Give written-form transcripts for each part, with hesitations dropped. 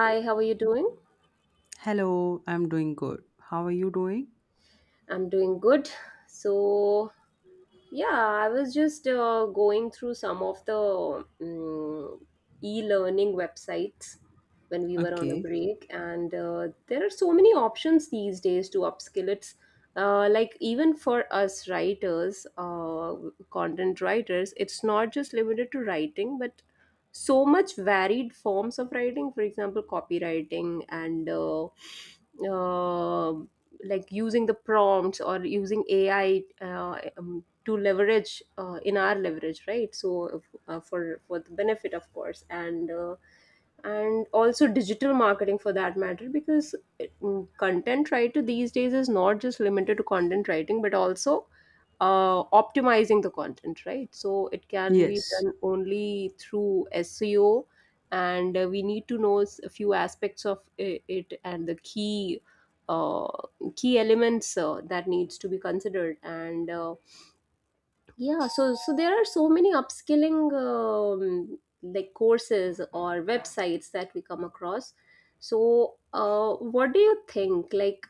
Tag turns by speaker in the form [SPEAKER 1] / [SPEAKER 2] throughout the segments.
[SPEAKER 1] Hi, how are you doing?
[SPEAKER 2] Hello, I'm doing good. How are you doing?
[SPEAKER 1] I'm doing good. So, yeah, I was just going through some of the e-learning websites when we were on a
[SPEAKER 2] Okay.
[SPEAKER 1] break, and there are so many options these days to upskill. It's like even for us writers, content writers, it's not just limited to writing, but so much varied forms of writing, for example copywriting and uh, like using the prompts or using ai, to leverage in our leverage, right? So for the benefit of course. And and also digital marketing for that matter, because content writer these days is not just limited to content writing but also optimizing the content, right? So it can be
[SPEAKER 2] Yes.
[SPEAKER 1] done only through SEO, and we need to know a few aspects of it and the key uh, key elements that needs to be considered. And yeah, so so there are so many upskilling like courses or websites that we come across. So, what do you think? Like,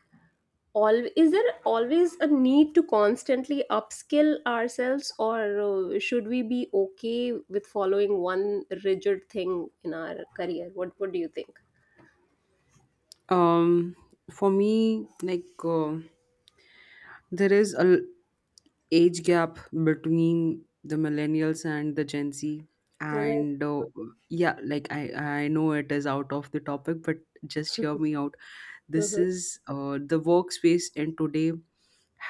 [SPEAKER 1] all, is there always a need to constantly upskill ourselves, or should we be okay with following one rigid thing in our career? What do you think?
[SPEAKER 2] Um for me like there is age gap between the millennials and the Gen Z,
[SPEAKER 1] Right.
[SPEAKER 2] and yeah, like I know it is out of the topic, but just hear me out. This
[SPEAKER 1] Mm-hmm.
[SPEAKER 2] is the workspace in today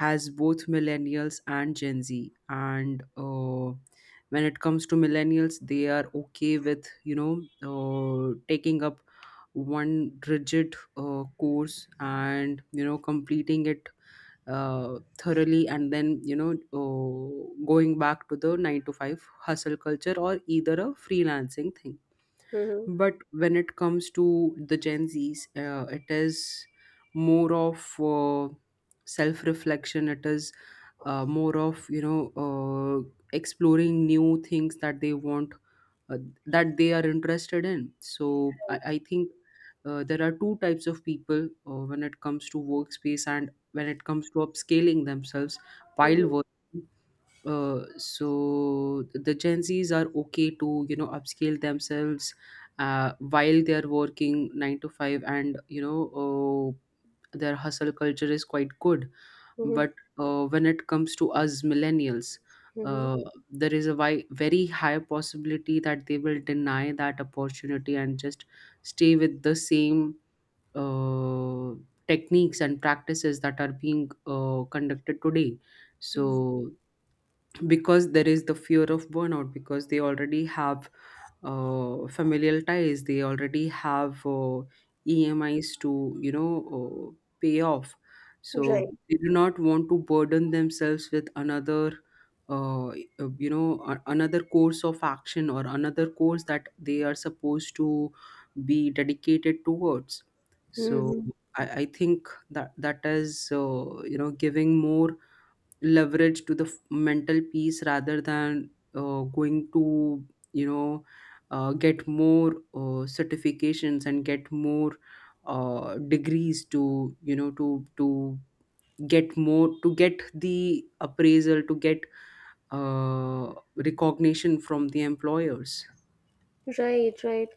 [SPEAKER 2] has both millennials and Gen Z. And when it comes to millennials, they are okay with, taking up one rigid course and completing it thoroughly, and then going back to the 9 to 5 hustle culture or either a freelancing thing.
[SPEAKER 1] Mm-hmm.
[SPEAKER 2] But when it comes to the Gen Zs, it is more of self-reflection. It is more of exploring new things that they want, uh, that they are interested in. So I think there are two types of people when it comes to workspace and when it comes to upscaling themselves while working. So the Gen Zs are okay to upscale themselves while they are working 9 to 5, and their hustle culture is quite good.
[SPEAKER 1] Mm-hmm.
[SPEAKER 2] But when it comes to us millennials,
[SPEAKER 1] Mm-hmm.
[SPEAKER 2] uh, there is a very high possibility that they will deny that opportunity and just stay with the same uh, techniques and practices that are being conducted today. So, because there is the fear of burnout, because they already have familial ties, they already have emis to uh, pay off, so
[SPEAKER 1] Right.
[SPEAKER 2] they do not want to burden themselves with another, uh, uh, another course of action or another course that they are supposed to be dedicated towards. So
[SPEAKER 1] Mhm.
[SPEAKER 2] I think that that is giving more leverage to the mental peace rather than going to you know get more certifications and get more degrees to to get more, to get the appraisal, to get recognition from the employers.
[SPEAKER 1] Right, right.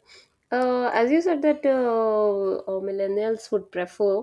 [SPEAKER 1] As you said that millennials would prefer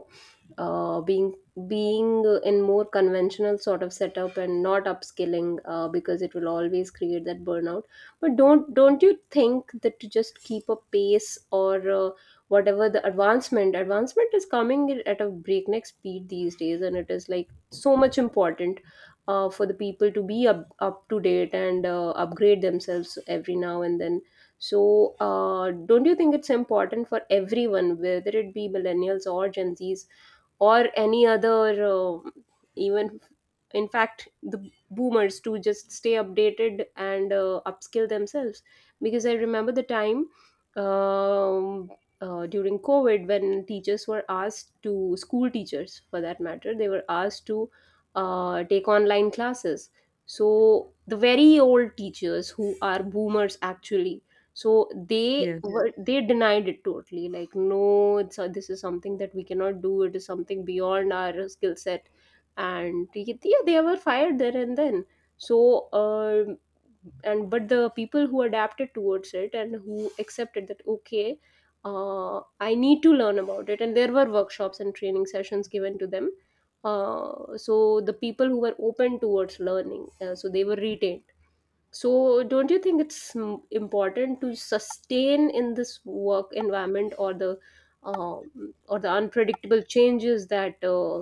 [SPEAKER 1] being, being in more conventional sort of setup and not upskilling because it will always create that burnout. But don't you think that to just keep a pace, or whatever the advancement is coming at a breakneck speed these days, and it is like so much important for the people to be up, up to date and upgrade themselves every now and then? So, don't you think it's important for everyone, whether it be millennials or Gen Zs or any other, uh, even in fact, the boomers, to just stay updated and upskill themselves? Because I remember the time, um, during COVID, when teachers were asked to, school teachers for that matter, they were asked to take online classes. So, the very old teachers who are boomers actually, so they, yeah,
[SPEAKER 2] Yes.
[SPEAKER 1] were, they denied it totally, like no it's a, this is something that we cannot do, it is something beyond our skill set. And yeah, they were fired there and then. So and but the people who adapted towards it and who accepted that okay, I need to learn about it, and there were workshops and training sessions given to them, so the people who were open towards learning, so they were retained. So, don't you think it's important to sustain in this work environment, um, or the unpredictable changes that uh,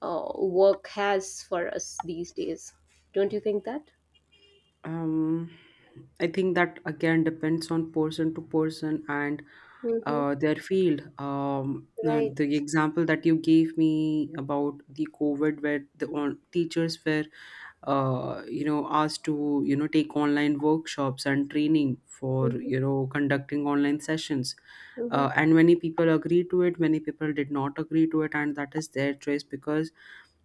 [SPEAKER 1] uh, work has for us these days? Don't you think that?
[SPEAKER 2] Um, I think that again depends on person to person and
[SPEAKER 1] Mm-hmm.
[SPEAKER 2] their field. Um, uh,
[SPEAKER 1] Right.
[SPEAKER 2] the example that you gave me about the COVID, where the teachers were, asked to take online workshops and training for
[SPEAKER 1] Mm-hmm.
[SPEAKER 2] conducting online sessions.
[SPEAKER 1] Mm-hmm.
[SPEAKER 2] And many people agreed to it, many people did not agree to it, and that is their choice, because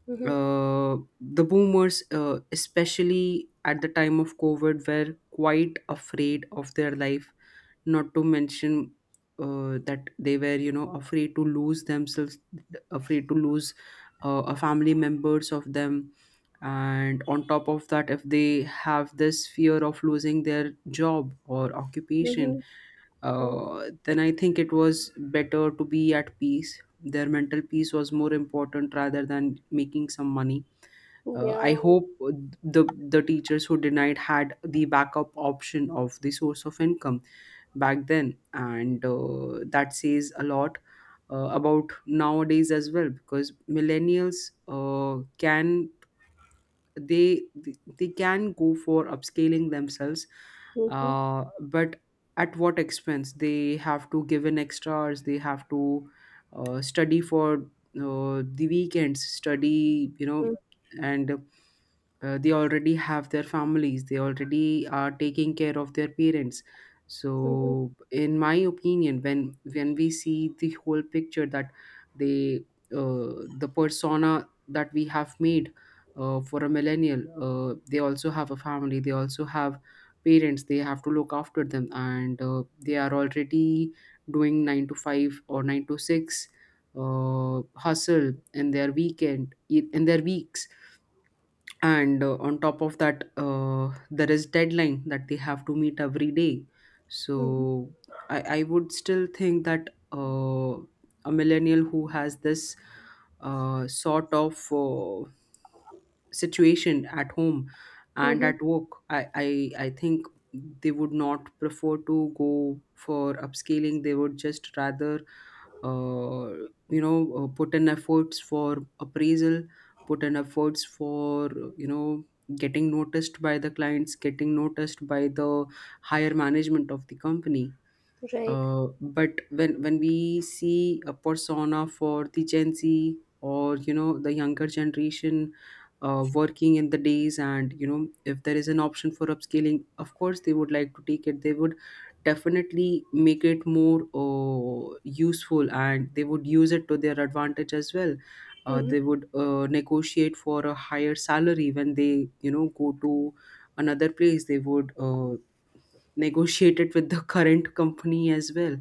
[SPEAKER 1] Mm-hmm.
[SPEAKER 2] the boomers, especially at the time of COVID, were quite afraid of their life, not to mention that they were, afraid to lose themselves, afraid to lose a family members of them. And on top of that, if they have this fear of losing their job or
[SPEAKER 1] Mm-hmm.
[SPEAKER 2] occupation, then I think it was better to be at peace. Their mental peace was more important rather than making some money.
[SPEAKER 1] Yeah.
[SPEAKER 2] I hope the the teachers who denied had the backup option of the source of income back then, and that says a lot about nowadays as well, because millennials can, they can go for upscaling themselves,
[SPEAKER 1] Mm-hmm.
[SPEAKER 2] but at what expense? They have to give in extras, they have to study for the weekends, study, and they already have their families, they already are taking care of their parents.
[SPEAKER 1] Mm-hmm.
[SPEAKER 2] So in my opinion, when we see the whole picture that they uh, the persona that we have made for a millennial, they also have a family, they also have parents they have to look after them. And they are already doing 9 to 5 or 9 to 6 hustle in their weekend, in their weeks, and on top of that, there is deadline that they have to meet every day.
[SPEAKER 1] Mm-hmm.
[SPEAKER 2] So I would still think that a millennial who has this sort of situation at home and
[SPEAKER 1] Mm-hmm.
[SPEAKER 2] at work, I think they would not prefer to go for upscaling. They would just rather uh, put in efforts for appraisal, put in efforts for you know getting noticed by the clients, getting noticed by the higher management of the company.
[SPEAKER 1] Right.
[SPEAKER 2] But when we see a persona for the Gen Z, or the younger generation working in the days, and if there is an option for upscaling, of course they would like to take it. They would definitely make it more useful, and they would use it to their advantage as well.
[SPEAKER 1] Mm-hmm.
[SPEAKER 2] They would negotiate for a higher salary when they go to another place. They would negotiate it with the current company as well,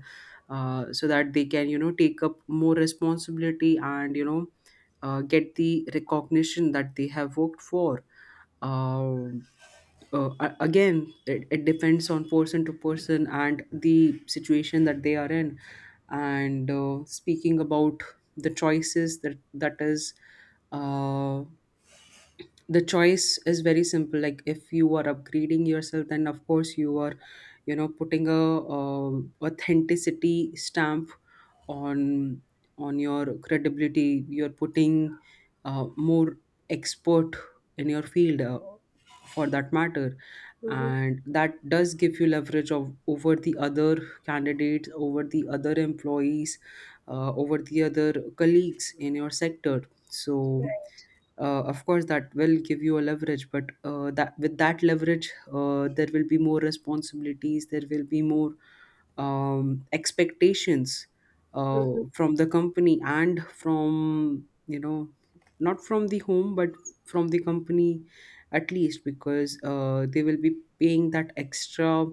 [SPEAKER 2] so that they can take up more responsibility, and get the recognition that they have worked for. uh, Again, it depends on person to person and the situation that they are in. And speaking about the choices, that that is uh, the choice is very simple. Like, if you are upgrading yourself, then of course you are putting a authenticity stamp on your credibility. You're putting more expert in your field, for that matter.
[SPEAKER 1] Mm-hmm.
[SPEAKER 2] And that does give you leverage of over the other candidates, over the other employees, over the other colleagues in your sector. So of course that will give you a leverage, but that with that leverage there will be more responsibilities, there will be more expectations uh, from the company and from, not from the home but from the company, at least, because they will be paying that extra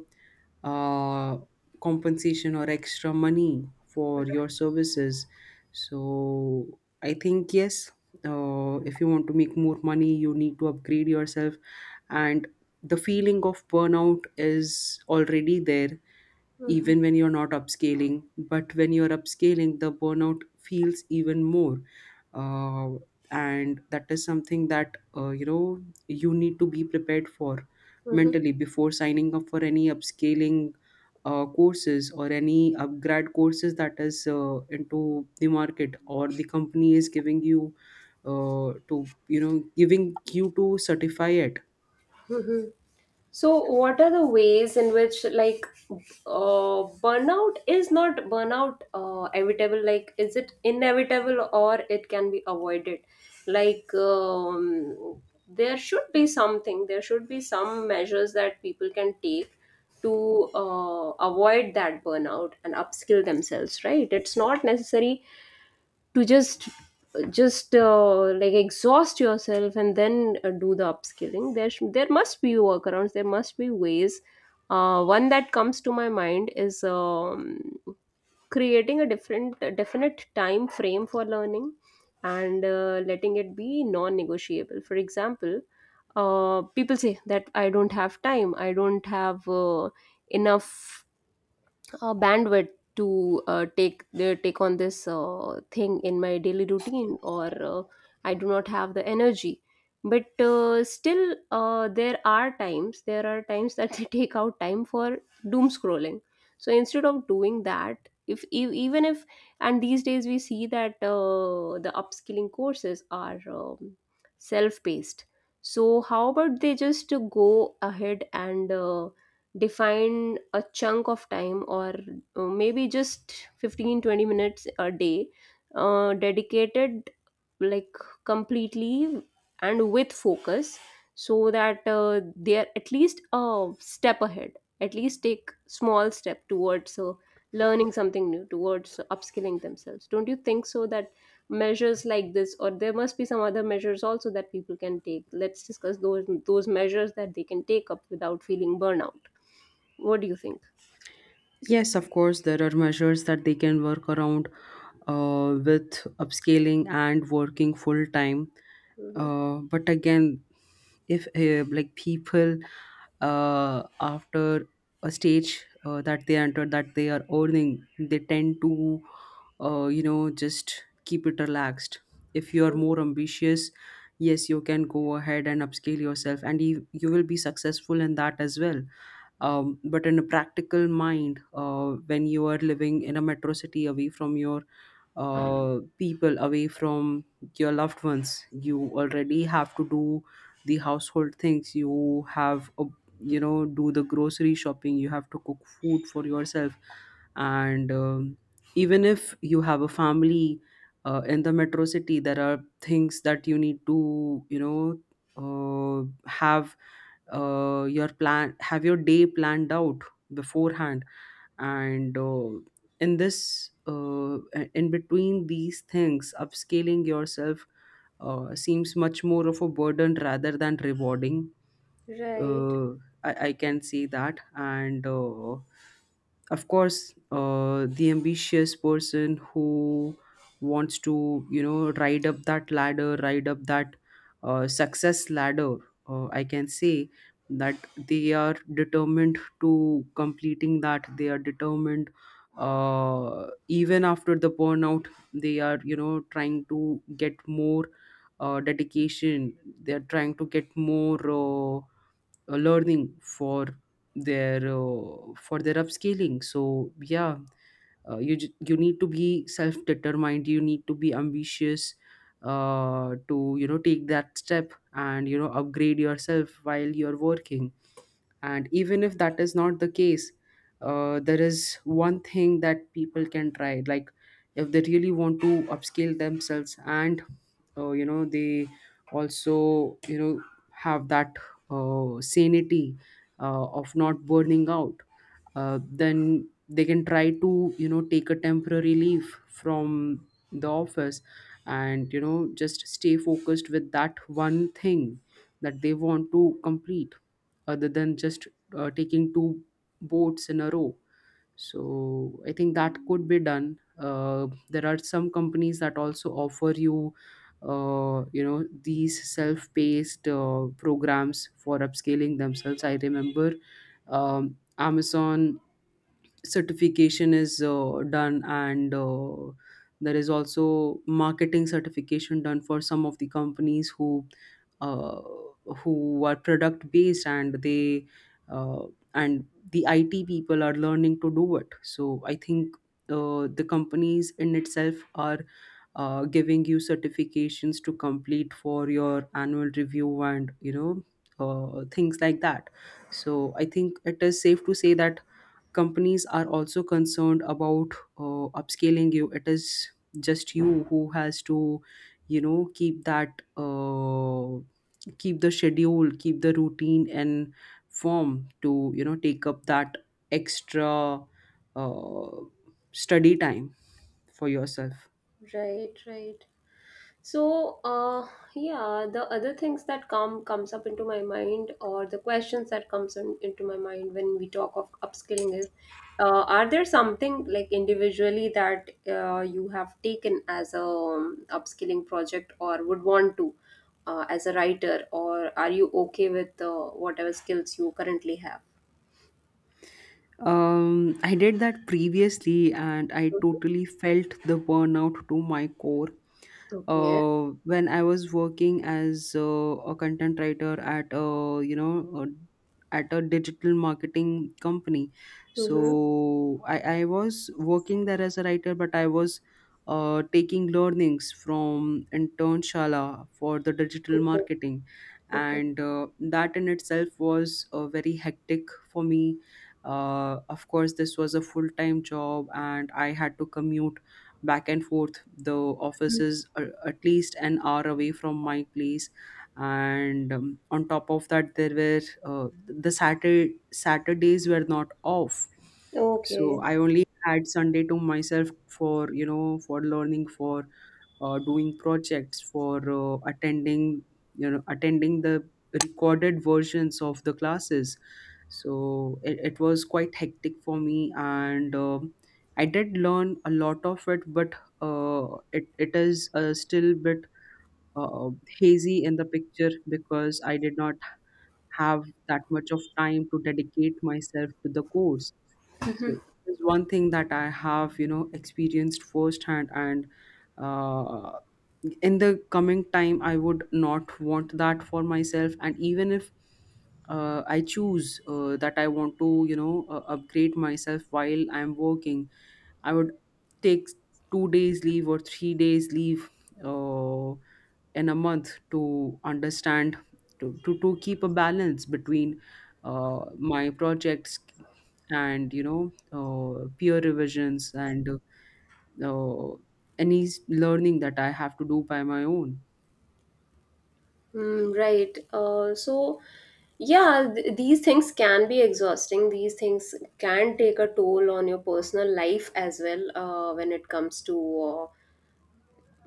[SPEAKER 2] uh, compensation or extra money for your services. So I think, yes, if you want to make more money you need to upgrade yourself. And the feeling of burnout is already there
[SPEAKER 1] Mm-hmm.
[SPEAKER 2] even when you're not upscaling. But when you're upscaling, the burnout feels even more. Uh, and that is something that you need to be prepared for mentally before signing up for any upscaling courses or any upgrad courses that is into the market, or the company is giving you, to certify it.
[SPEAKER 1] So, what are the ways in which, like, burnout is not burnout, evitable? Like, is it inevitable, or it can be avoided? Like, there should be something, there should be some measures that people can take to avoid that burnout and upskill themselves, right? It's not necessary to just, just like exhaust yourself and then do the upskilling. There there must be workarounds, there must be ways. One that comes to my mind is, creating a different, a definite time frame for learning, and letting it be non-negotiable. For example, people say that I don't have time, I don't have enough bandwidth to take the, take on this thing in my daily routine, or I do not have the energy. But still, there are times, there are times that they take out time for doom scrolling. So instead of doing that, if even if and these days we see that the upskilling courses are self-paced, so how about they just go ahead and define a chunk of time, or maybe just 15 to 20 minutes a day dedicated, like completely and with focus, so that they are at least a step ahead, at least take small step towards learning something new, towards upskilling themselves. Don't you think so, that measures like this, or there must be some other measures also that people can take? Let's discuss those measures that they can take up without feeling burnout. What do you think?
[SPEAKER 2] Yes, of course, there are measures that they can work around with upscaling and working full time.
[SPEAKER 1] Hmm.
[SPEAKER 2] But again, if like, people after a stage that they enter, that they are earning, they tend to just keep it relaxed. If you are more ambitious, yes, you can go ahead and upscale yourself, and you will be successful in that as well. But in a practical mind, when you are living in a metro city away from your people, away from your loved ones, you already have to do the household things, you have a, you know do the grocery shopping, you have to cook food for yourself. And even if you have a family in the metro city, there are things that you need to, have your plan, have your day planned out beforehand. And uh, in this uh, in between these things, upscaling yourself seems much more of a burden rather than rewarding.
[SPEAKER 1] Right,
[SPEAKER 2] uh, I can see that, and of course the ambitious person who wants to ride up that success ladder. I can say that they are determined to completing, that they are determined even after the burnout. They are trying to get more dedication, they are trying to get more learning for their upscaling. So yeah, you you need to be self determined, you need to be ambitious, to take that step and upgrade yourself while you're working. And even if that is not the case, there is one thing that people can try. Like, if they really want to upscale themselves and they also have that sanity of not burning out, then they can try to take a temporary leave from the office and just stay focused with that one thing that they want to complete, other than just taking two boats in a row. So I think that could be done. There are some companies that also offer you these self-paced programs for upscaling themselves. I remember Amazon certification is done, and there is also marketing certification done for some of the companies uh, who are product based, and they uh, and the IT people are learning to do it. So I think the companies in itself are giving you certifications to complete for your annual review, and things like that. So I think it is safe to say that companies are also concerned about upscaling you. It is just you who has to you know keep that uh, keep the schedule, keep the routine and form to take up that extra uh, study time for yourself.
[SPEAKER 1] right, right. So, yeah, the other things that comes up into my mind, or the questions that comes in, into my mind when we talk of upskilling is, are there something like individually that you have taken as a, upskilling project, or would want to, as a writer, or are you okay with whatever skills you currently have?
[SPEAKER 2] um I did that previously, and I
[SPEAKER 1] Mhm.
[SPEAKER 2] totally felt the burnout to my core
[SPEAKER 1] Okay.
[SPEAKER 2] when I was working as a content writer at a you know a, at a digital marketing company.
[SPEAKER 1] Mm-hmm.
[SPEAKER 2] So I was working there as a writer, but I was taking learnings from internshala for the digital
[SPEAKER 1] Okay.
[SPEAKER 2] marketing,
[SPEAKER 1] Okay.
[SPEAKER 2] and that in itself was very hectic for me. Of course, this was a full time job, and I had to commute back and forth. The office
[SPEAKER 1] Mm.
[SPEAKER 2] is at least an hour away from my place, and on top of that, the Saturdays were not off, so
[SPEAKER 1] Okay.
[SPEAKER 2] I only had Sunday to myself, for you know for learning, for doing projects, for attending attending the recorded versions of the classes. So it was quite hectic for me, and I did learn a lot of it, but uh, it is still bit uh, hazy in the picture because I did not have that much of time to dedicate myself to the course. So that is one thing that I have experienced firsthand, and uh, in the coming time, I would not want that for myself. And even if I choose that I want to upgrade myself while I'm working, I would take 2 days leave or 3 days leave uh, in a month to understand, to keep a balance between my projects and peer revisions, and uh, any learning that I have to do by my own.
[SPEAKER 1] Mm, right. These things can be exhausting. These things can take a toll on your personal life as well, when it comes to uh,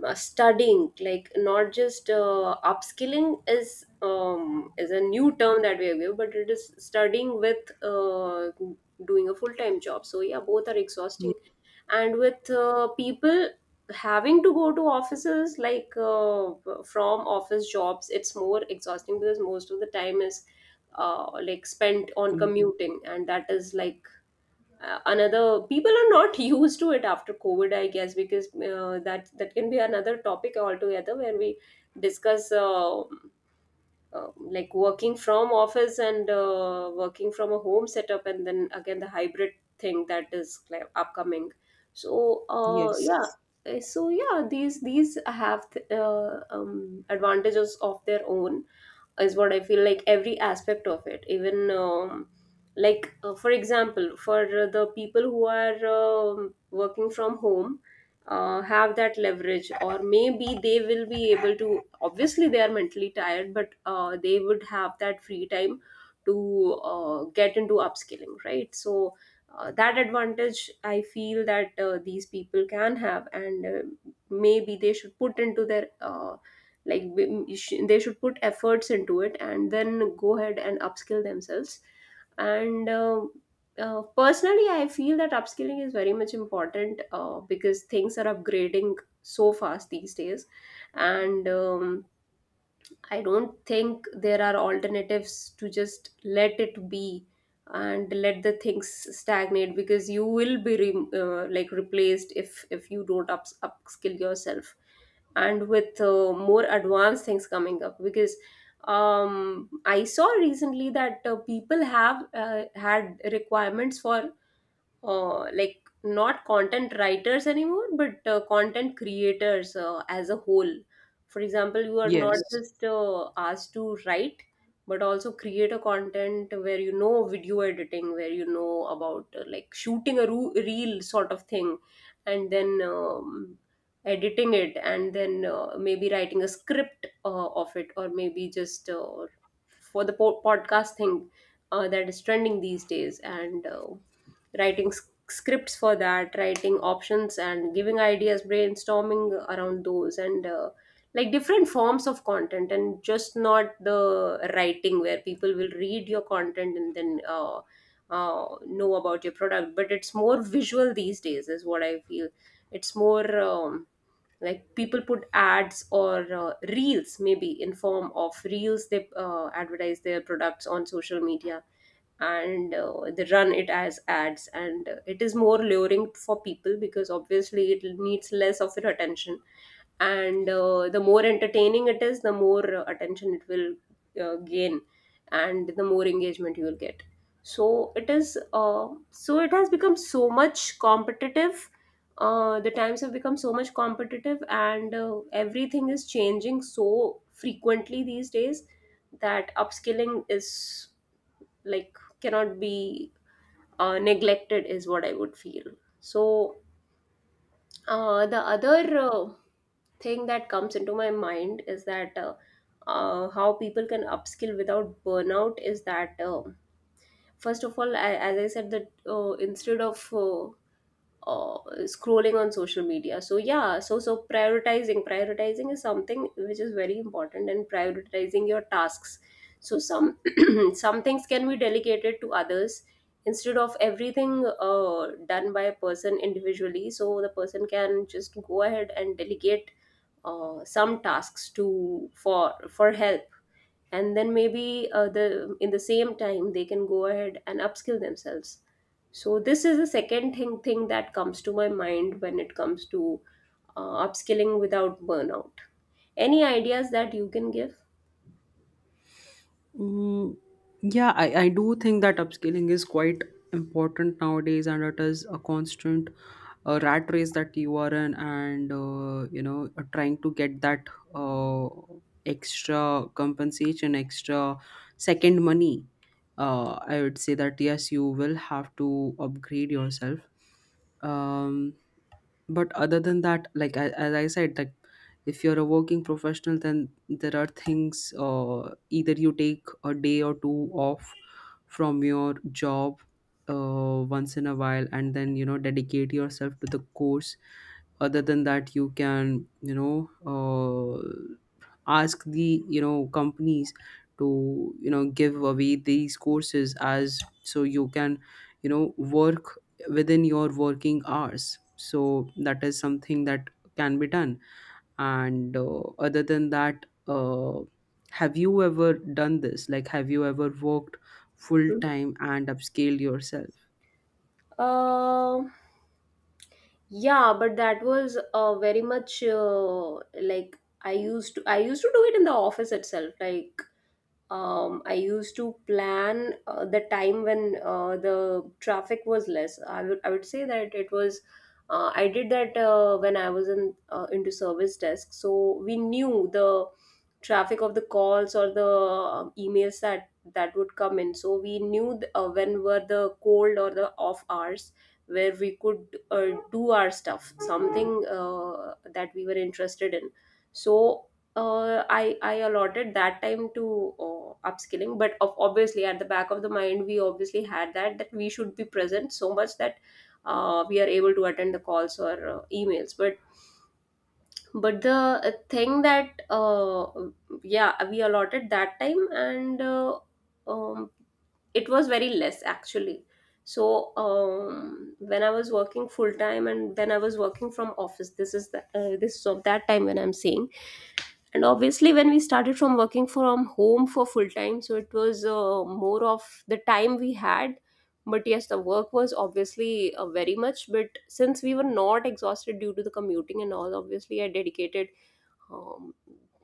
[SPEAKER 1] studying, like not just, upskilling is a new term that we have given, but it is studying with doing a full-time job. So yeah, both are exhausting,
[SPEAKER 2] Ye-
[SPEAKER 1] and with people having to go to offices, like from office jobs, it's more exhausting because most of the time is like spent on
[SPEAKER 2] mm,
[SPEAKER 1] commuting, and that is like another, people are not used to it after covid I guess, because that can be another topic altogether, where we discuss like working from office and working from a home setup, and then again the hybrid thing that is like, upcoming. So
[SPEAKER 2] Yes.
[SPEAKER 1] yeah. So yeah, these have advantages of their own, is what I feel, like every aspect of it, even, like for example, for the people who are working from home, have that leverage, or maybe they will be able to. Obviously, they are mentally tired, but they would have that free time to get into upskilling, right? So. That advantage I feel that these people can have, and maybe they should put into their, like they should put efforts into it, and then go ahead and upskill themselves. And Personally I feel that upskilling is very much important, because things are upgrading so fast these days, and I don't think there are alternatives to just let it be and let the things stagnate, because you will be like replaced if you don't up upskill yourself. And with more advanced things coming up, because I saw recently that people have had requirements for like not content writers anymore, but content creators as a whole. For example, you are not
[SPEAKER 2] Yes.
[SPEAKER 1] just asked to write but also create a content, where you know video editing, where you know about like shooting a reel sort of thing, and then editing it, and then maybe writing a script of it, or maybe just for the podcast thing that is trending these days. And writing scripts for that, writing options, and giving ideas, brainstorming around those, and like different forms of content, and just not the writing where people will read your content and then know about your product. But it's more visual these days, is what I feel. It's more, like people put ads, or reels, maybe in form of reels they advertise their products on social media, and they run it as ads, and it is more luring for people, because obviously it needs less of your attention. And the more entertaining it is, the more attention it will gain, and the more engagement you will get. So it is it has become so much competitive, the times have become so much competitive, and everything is changing so frequently these days, that upskilling is like cannot be neglected, is what I would feel. So the other thing that comes into my mind is that, how people can upskill without burnout is that, first of all I, as I said that, instead of uh, scrolling on social media, so yeah, so so prioritizing is something which is very important, and prioritizing your tasks, so some, and some things can be delegated to others, instead of everything done by a person individually. So the person can just go ahead and delegate some tasks to for help, and then maybe the in the same time they can go ahead and upskill themselves. So this is the second thing that comes to my mind when it comes to upskilling without burnout. Any ideas that you can give?
[SPEAKER 2] Mm, yeah, I do think that upscaling is quite important nowadays, and it is a constant rat race that you are in, and trying to get that uh, extra compensation, extra second money. I would say that yes, you will have to upgrade yourself. Um, but other than that, like, as I said, like, if you're a working professional, then there are things, either you take a day or two off from your job once in a while, and then dedicate yourself to the course. Other than that, you can ask the companies to give away these courses, as so you can work within your working hours. So that is something that can be done. And other than that, have you ever done this? Like, have you ever worked full time and upscale yourself?
[SPEAKER 1] Um. Yeah, but that was very much like I used to do it in the office itself. Like I used to plan the time when the traffic was less. I would say that it was I did that when I was in into service desk. So we knew the traffic of the calls or the emails that would come in. So we knew when were the cold or the off hours where we could do our stuff, something that we were interested in. So I allotted that time to upskilling, but of obviously at the back of the mind we obviously had that we should be present so much that we are able to attend the calls or emails. But the thing that yeah, we allotted that time and um, it was very less actually. So when I was working full time and then I was working from office, this is this is of that time when I'm saying, and obviously when we started from working from home for full time, so it was more of the time we had, but yes, the work was obviously very much, but since we were not exhausted due to the commuting and all, obviously I dedicated um,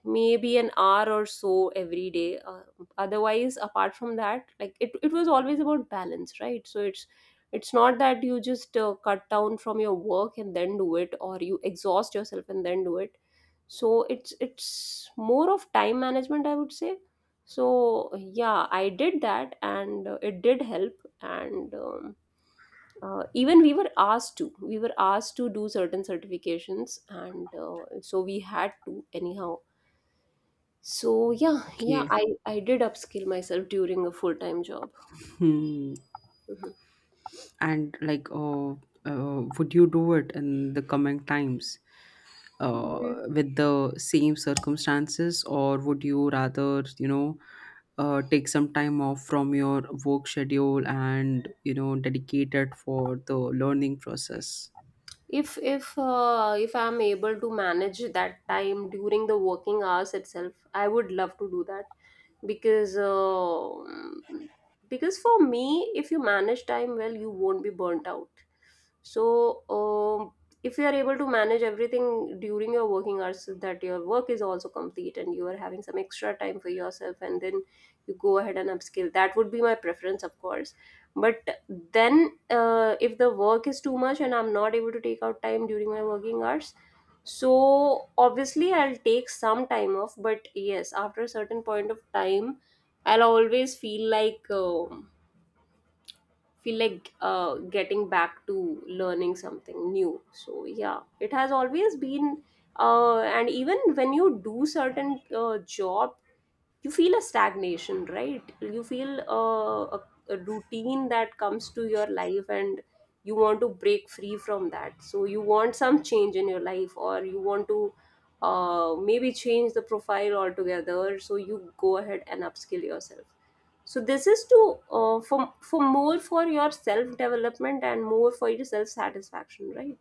[SPEAKER 1] maybe an hour or so every day otherwise. Apart from that, like it was always about balance, right? So it's not that you just cut down from your work and then do it, or you exhaust yourself and then do it. So it's more of time management, I would say. So yeah, I did that and it did help. And even we were asked to do certain certifications and so we had to anyhow. So yeah yeah
[SPEAKER 2] Okay.
[SPEAKER 1] i i did upskill myself during a full time job.
[SPEAKER 2] Hmm. And, like, would you do it in the coming times
[SPEAKER 1] Mhm.
[SPEAKER 2] with the same circumstances, or would you rather take some time off from your work schedule and dedicate it for the learning process?
[SPEAKER 1] If I'm able to manage that time during the working hours itself, I would love to do that, because uh, because for me, if you manage time well, you won't be burnt out. So if you are able to manage everything during your working hours so that your work is also complete and you are having some extra time for yourself, and then you go ahead and upskill, that would be my preference, of course. But then if the work is too much and I'm not able to take out time during my working hours, so obviously I'll take some time off. But yes, after a certain point of time, I'll always feel like getting back to learning something new. So yeah, it has always been and even when you do certain job, you feel a stagnation, right? You feel uh, a, a routine that comes to your life, and you want to break free from that, so you want some change in your life, or you want to maybe change the profile altogether, so you go ahead and upskill yourself. So this is to for more for your self development and more for your self satisfaction, right?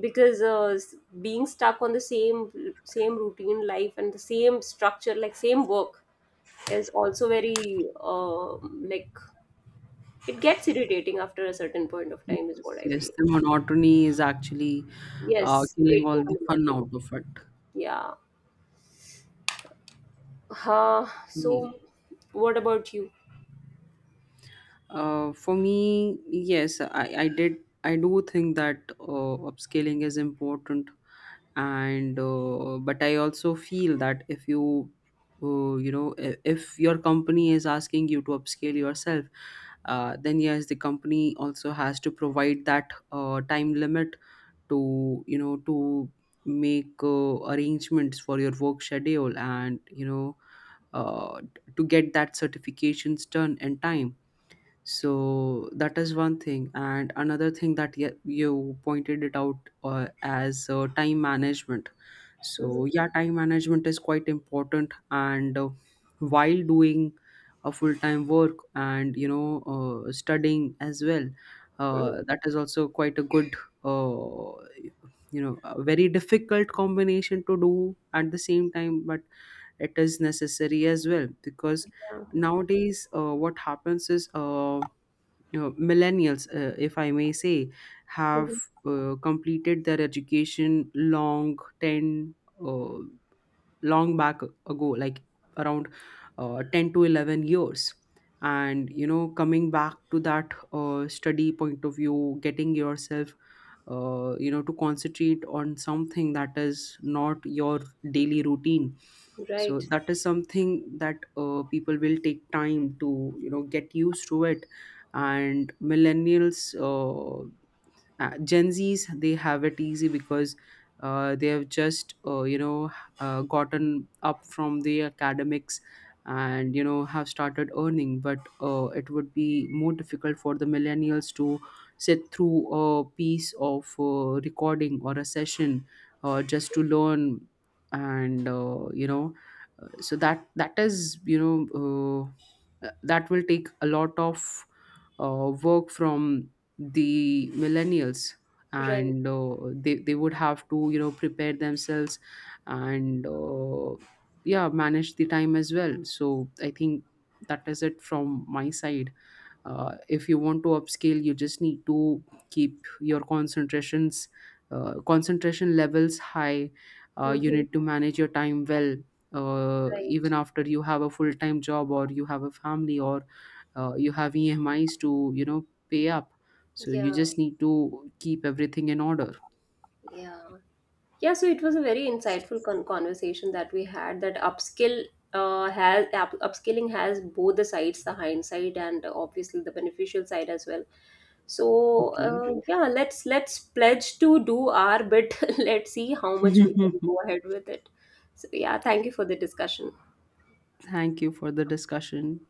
[SPEAKER 1] Because being stuck on the same routine life and the same structure, like same work, is also very like it gets irritating after a certain point of time is what
[SPEAKER 2] Yes,
[SPEAKER 1] I
[SPEAKER 2] yes,
[SPEAKER 1] feel.
[SPEAKER 2] the monotony is actually
[SPEAKER 1] Yes,
[SPEAKER 2] killing
[SPEAKER 1] breaking
[SPEAKER 2] all
[SPEAKER 1] the
[SPEAKER 2] the fun
[SPEAKER 1] monotony.
[SPEAKER 2] out of it.
[SPEAKER 1] Yeah. Huh.
[SPEAKER 2] Yeah.
[SPEAKER 1] So, what about you?
[SPEAKER 2] For me, yes, I did. I do think that upscaling is important, and but I also feel that if you, you know, I- if your company is asking you to upscale yourself, then yes, the company also has to provide that time limit to make arrangements for your work schedule, and uh, to get that certifications done in time. So that is one thing, and another thing that you pointed it out as time management.
[SPEAKER 1] Mhm.
[SPEAKER 2] So yeah, time management is quite important, and while doing a full-time work and studying as well,
[SPEAKER 1] Mhm.
[SPEAKER 2] that is also quite a good uh, a very difficult combination to do at the same time, but it is necessary as well because
[SPEAKER 1] Yeah.
[SPEAKER 2] nowadays what happens is millennials, if I may say, have
[SPEAKER 1] Mhm.
[SPEAKER 2] completed their education long 10, uh, long back ago, like around 10 to 11 years. And coming back to that study point of view, getting yourself to concentrate on something that is not your daily routine. So
[SPEAKER 1] Right.
[SPEAKER 2] that is something that people will take time to get used to it. And millennials, Gen Zs, they have it easy because they have just gotten up from the academics and have started earning. But it would be more difficult for the millennials to sit through a piece of recording or a session just to learn. And so that that is that will take a lot of work from the millennials.
[SPEAKER 1] Right.
[SPEAKER 2] And they would have to prepare themselves, and yeah, manage the time as well. So I think that is it from my side. If you want to upscale, you just need to keep your concentration levels high. You
[SPEAKER 1] Mhm.
[SPEAKER 2] need to manage your time well, even
[SPEAKER 1] Right.
[SPEAKER 2] after you have a full-time job or you have a family, or you have EMIs to pay up. So you
[SPEAKER 1] Yeah.
[SPEAKER 2] just need to keep everything in order.
[SPEAKER 1] Yeah. Yeah, so it was a very insightful conversation that we had, that upskilling has both the sides, the hindsight and obviously the beneficial side as well. So
[SPEAKER 2] Okay.
[SPEAKER 1] yeah, let's pledge to do our bit. Let's see how much we can go ahead with it. So yeah, thank you for the discussion.
[SPEAKER 2] Thank you for the discussion.